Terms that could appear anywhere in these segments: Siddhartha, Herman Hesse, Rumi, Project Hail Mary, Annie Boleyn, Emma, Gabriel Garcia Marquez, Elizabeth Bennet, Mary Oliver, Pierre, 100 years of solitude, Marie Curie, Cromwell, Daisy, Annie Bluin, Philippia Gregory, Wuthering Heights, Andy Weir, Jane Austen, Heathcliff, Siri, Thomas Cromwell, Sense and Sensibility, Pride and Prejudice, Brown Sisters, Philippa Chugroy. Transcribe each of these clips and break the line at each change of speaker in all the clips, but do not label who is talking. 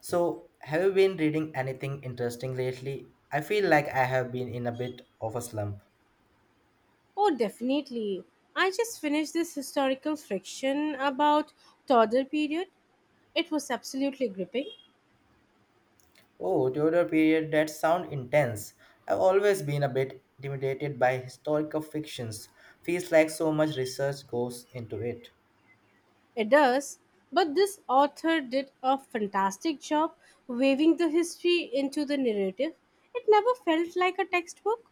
So, have you been reading anything interesting lately? I feel like I have been in a bit of a slump.
Oh, definitely. I just finished this historical fiction about Tudor period. It was absolutely gripping.
Oh, Tudor period, that sound intense. I've always been a bit intimidated by historical fictions. Feels like so much research goes into it.
It does, but this author did a fantastic job weaving the history into the narrative. It never felt like a textbook.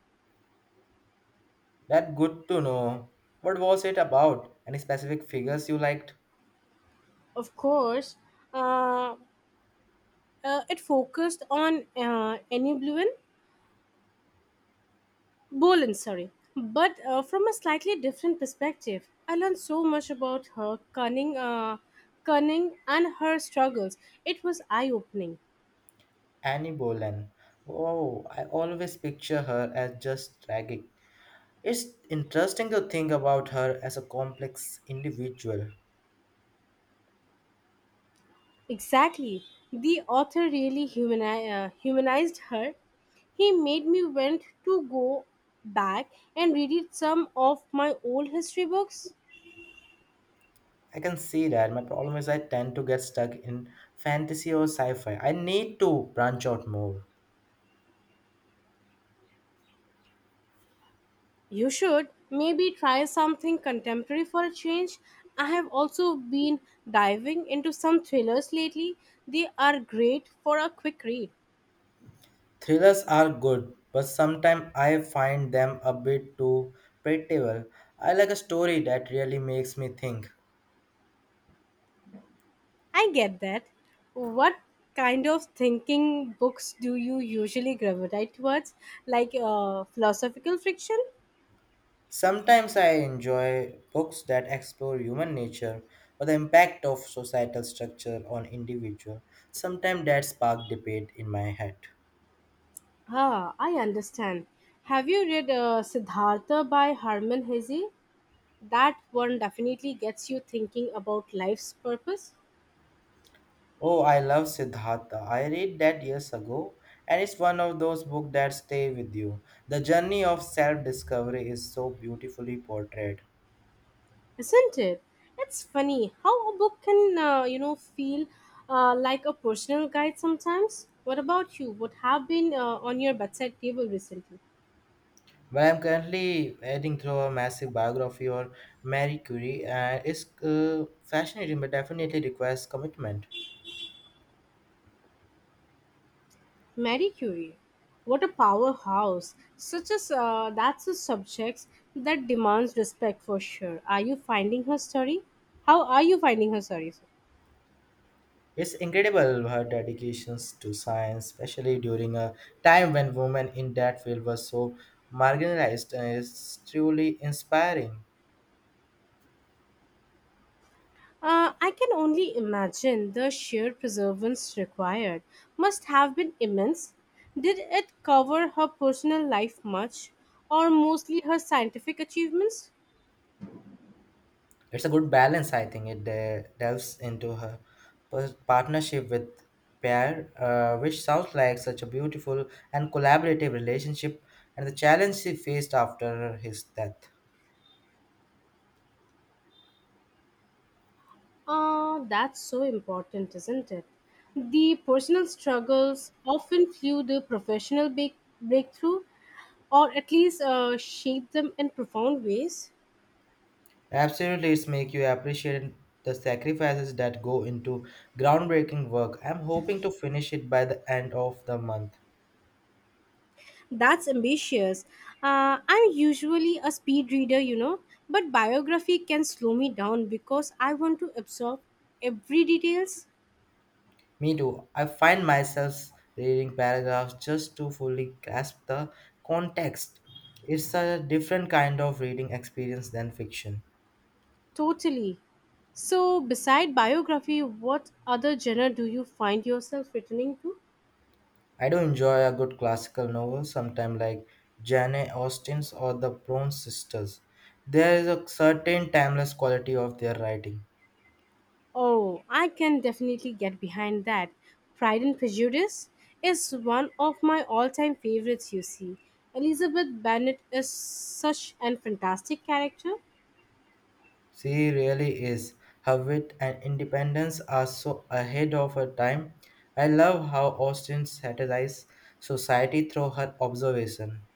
That good to know. What was it about? Any specific figures you liked?
Of course, uh, it focused on Annie Bluin, Bolin, sorry. But from a slightly different perspective, I learned so much about her cunning and her struggles. It was eye-opening.
Annie Boleyn. Oh, I always picture her as just tragic. It's interesting to think about her as a complex individual.
Exactly. The author really humanized her. He made me want to go back and read some of my old history books.
I can see that. My problem is I tend to get stuck in fantasy or sci-fi. I need to branch out more.
You should maybe try something contemporary for a change. I have also been diving into some thrillers lately. They are great for a quick read.
Thrillers are good, but sometimes I find them a bit too predictable. I like a story that really makes me think.
I get that. What kind of thinking books do you usually gravitate towards? Like philosophical fiction?
Sometimes I enjoy books that explore human nature or the impact of societal structure on individual. Sometimes that spark debate in my head.
Ah, I understand. Have you read Siddhartha by Herman Hesse? That one definitely gets you thinking about life's purpose.
Oh, I love Siddhartha. I read that years ago, and it's one of those books that stay with you. The journey of self-discovery is so beautifully portrayed.
Isn't it? It's funny how a book can, you know, feel like a personal guide sometimes. What about you? What have been on your bedside table recently?
Well, I'm currently reading through a massive biography of Marie Curie, and it's fascinating, but definitely requires commitment.
Marie Curie, what a powerhouse. Such as That's a subject that demands respect for sure. are you finding her story How are you finding her story?
It's incredible her dedications to science, especially during a time when women in that field were so marginalized, and it's truly inspiring.
I can only imagine the sheer perseverance required, must have been immense. Did it cover her personal life much, or mostly her scientific achievements?
It's a good balance, I think. It delves into her partnership with Pierre, which sounds like such a beautiful and collaborative relationship, and the challenge she faced after his death.
Ah, that's so important, isn't it? The personal struggles often fuel the professional breakthrough, or at least shape them in profound ways.
Absolutely, it's make you appreciate the sacrifices that go into groundbreaking work. I'm hoping to finish it by the end of the month.
That's ambitious. I'm usually a speed reader, you know, but biography can slow me down because I want to absorb every details.
Me too. I find myself reading paragraphs just to fully grasp the context. It's a different kind of reading experience than fiction.
Totally. So, beside biography, what other genre do you find yourself returning to?
I do enjoy a good classical novel, sometimes like Jane Austen's or the Brown Sisters. There is a certain timeless quality of their writing.
Oh, I can definitely get behind that. Pride and Prejudice is one of my all-time favorites, you see. Elizabeth Bennet is such an fantastic character.
She really is. Her wit and independence are so ahead of her time. I love how Austen satirizes society through her observation.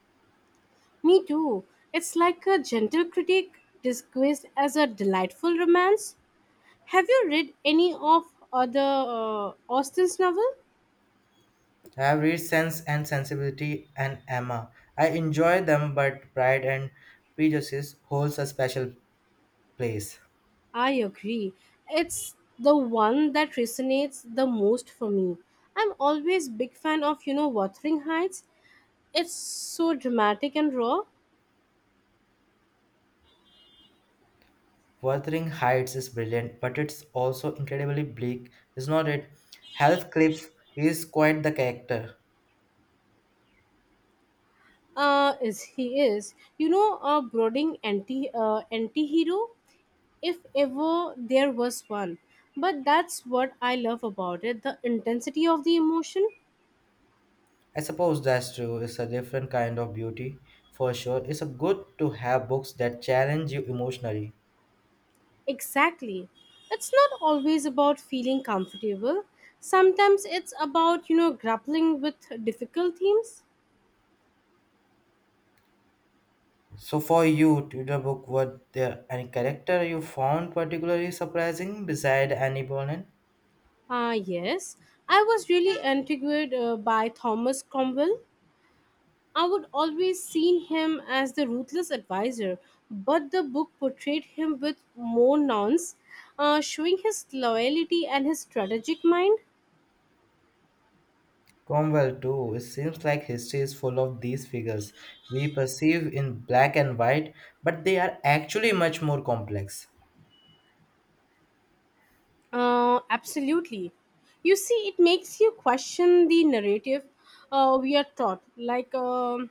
Me too. It's like a gentle critic disguised as a delightful romance. Have you read any of other Austen's novel?
I have read Sense and Sensibility and Emma. I enjoy them, but Pride and Prejudice holds a special place.
I agree. It's the one that resonates the most for me. I'm always big fan of, you know, Wuthering Heights. It's so dramatic and raw.
Wuthering Heights is brilliant, but it's also incredibly bleak, is not it? Heathcliff is quite the character.
Is he? Is, you know, a brooding anti-hero if ever there was one. But that's what I love about it, the intensity of the emotion.
I suppose that's true. It's a different kind of beauty, for sure. It's a good to have books that challenge you emotionally.
Exactly. It's not always about feeling comfortable, sometimes it's about, you know, grappling with difficult themes.
So for you, to the book, were there any character you found particularly surprising beside Annie Boleyn?
Ah, yes. I was really intrigued by Thomas Cromwell. I would always seen him as the ruthless advisor, but the book portrayed him with more nuance, showing his loyalty and his strategic mind.
Cromwell, too. It seems like history is full of these figures we perceive in black and white, but they are actually much more complex.
Absolutely. You see, it makes you question the narrative we are taught, like,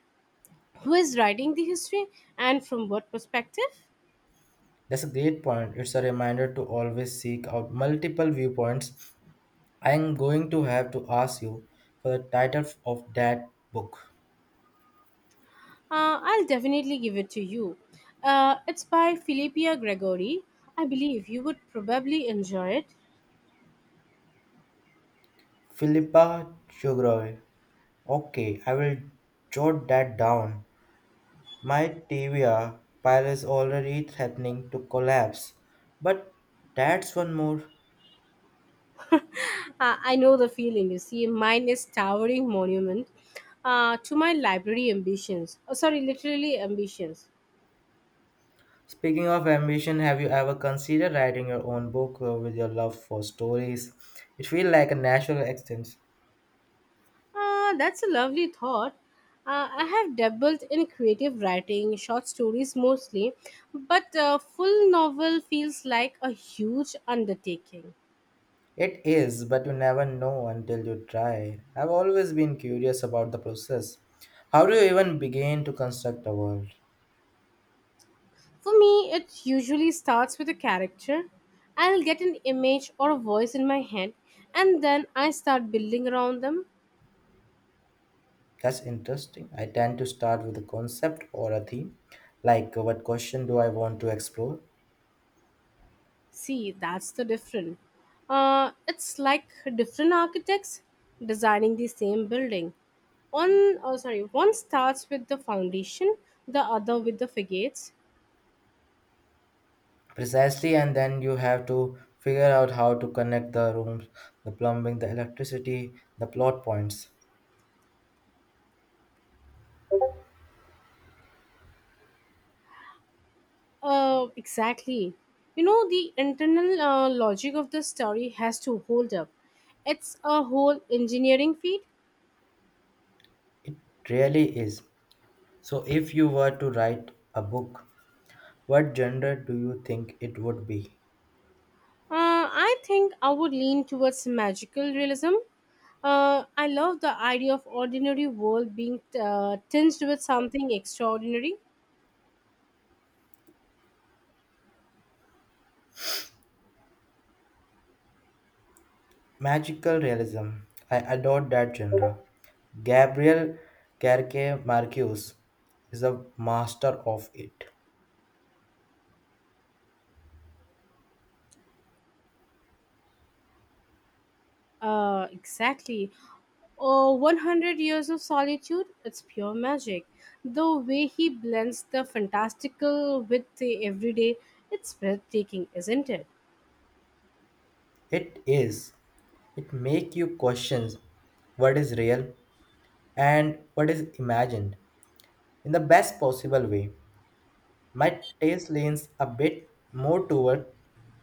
who is writing the history and from what perspective.
That's a great point. It's a reminder to always seek out multiple viewpoints. I'm going to have to ask you for the title of that book.
I'll definitely give it to you. It's by Philippia Gregory. I believe you would probably enjoy it.
Philippa Chugroy. Okay, I will jot that down. My TVA pile is already threatening to collapse, but that's one more.
I know the feeling, you see. Mine is towering monument to my library ambitions. Oh, sorry, literally ambitions.
Speaking of ambition, have you ever considered writing your own book, with your love for stories? It feels like a natural extension.
That's a lovely thought. I have dabbled in creative writing, short stories mostly, but a full novel feels like a huge undertaking.
It is, but you never know until you try. I've always been curious about the process. How do you even begin to construct a world?
For me, it usually starts with a character. I'll get an image or a voice in my head, and then I start building around them.
That's interesting. I tend to start with a concept or a theme, like what question do I want to explore?
See, that's the difference. It's like different architects designing the same building. One, oh, sorry, one starts with the foundation, the other with the facades.
Precisely, and then you have to figure out how to connect the rooms, the plumbing, the electricity, the plot points.
Exactly. You know, the internal logic of the story has to hold up. It's a whole engineering feat.
It really is. So, if you were to write a book, what genre do you think it would be?
I think I would lean towards magical realism. I love the idea of ordinary world being tinged with something extraordinary.
Magical realism. I adore that genre. Gabriel Garcia Marquez is a master of it.
Exactly. Oh, 100 years of solitude, it's pure magic. The way he blends the fantastical with the everyday, it's breathtaking, isn't it?
It is. It makes you question what is real and what is imagined in the best possible way. My taste leans a bit more toward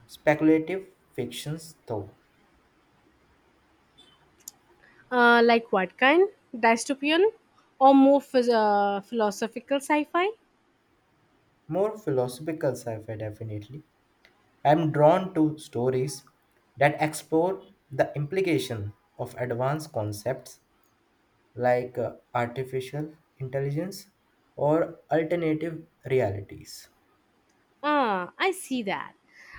speculative fictions though.
Like what kind? Dystopian? Or more philosophical sci fi?
More philosophical sci-fi, definitely. I'm drawn to stories that explore the implication of advanced concepts like artificial intelligence or alternative realities.
Ah, I see that.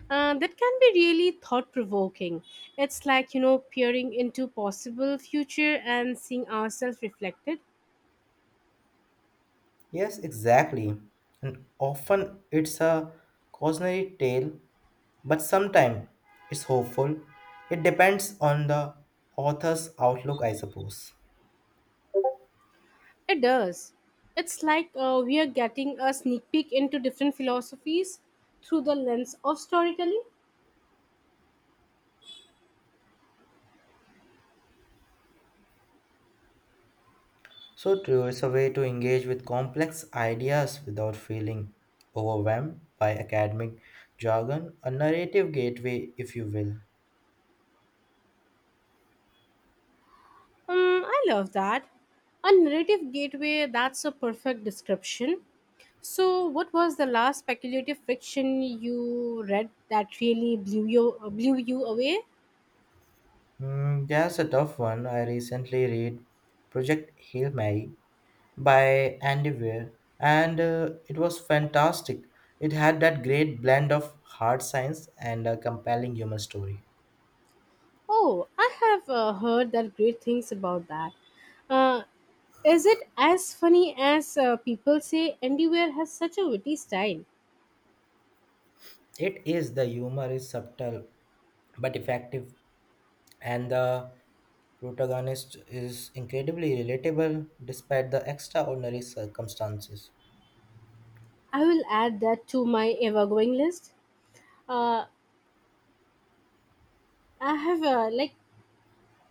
That can be really thought provoking. It's like, you know, peering into possible future and seeing ourselves reflected.
Yes, exactly. And often it's a cautionary tale, but sometimes it's hopeful. It depends on the author's outlook, I suppose.
It does. It's like we are getting a sneak peek into different philosophies through the lens of storytelling.
So true, it's a way to engage with complex ideas without feeling overwhelmed by academic jargon, a narrative gateway, if you will.
I love that. A narrative gateway, that's a perfect description. So, what was the last speculative fiction you read that really blew you away?
Hmm, there's a tough one. I recently read Project Hail Mary by Andy Weir, and it was fantastic. It had that great blend of hard science and a compelling human story.
Oh, I have heard that great things about that. Uh, is it as funny as people say? Andy Weir has such a witty style.
It is. The humor is subtle but effective, and the protagonist is incredibly relatable despite the extraordinary circumstances.
I will add that to my ever-going list. Uh, I have, like,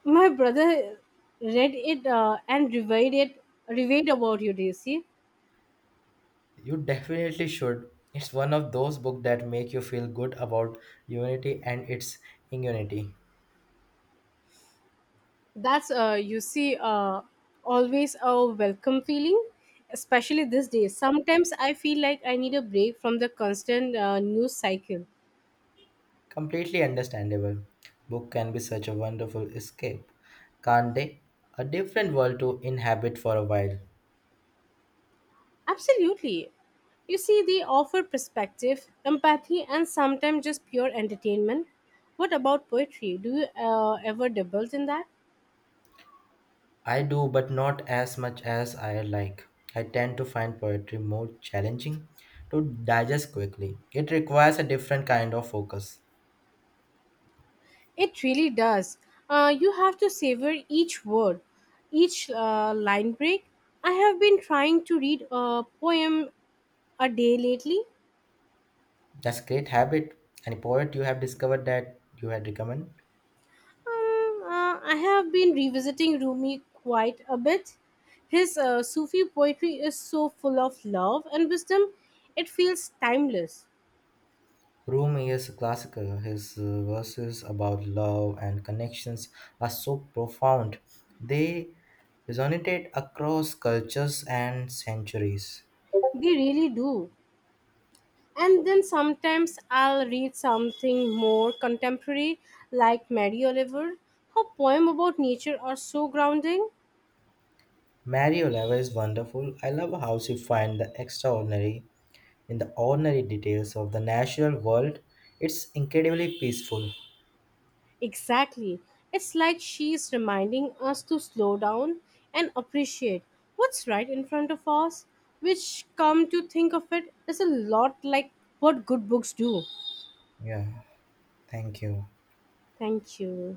my brother read it and reviewed about you, Daisy.
You definitely should. It's one of those books that make you feel good about humanity and its ingenuity.
That's you see, always a welcome feeling, especially these days. Sometimes I feel like I need a break from the constant news cycle.
Completely understandable. Book can be such a wonderful escape, can't they? A different world to inhabit for a while.
Absolutely. You see, they offer perspective, empathy, and sometimes just pure entertainment. What about poetry? Do you ever dabble in that?
I do, but not as much as I like. I tend to find poetry more challenging to digest quickly. It requires a different kind of focus.
It really does. You have to savor each word, each line break. I have been trying to read a poem a day lately.
That's great habit. Any poet you have discovered that you had recommend?
I have been revisiting Rumi quite a bit. His Sufi poetry is so full of love and wisdom, it feels timeless.
Rumi is classical. His verses about love and connections are so profound. They resonate across cultures and centuries.
They really do. And then sometimes I'll read something more contemporary, like Mary Oliver. Her poem about nature are so grounding.
Mary Oliver is wonderful. I love how she finds the extraordinary in the ordinary details of the natural world, it's incredibly peaceful.
Exactly. It's like she's reminding us to slow down and appreciate what's right in front of us, which, come to think of it, is a lot like what good books do.
Yeah, thank you.
Thank you.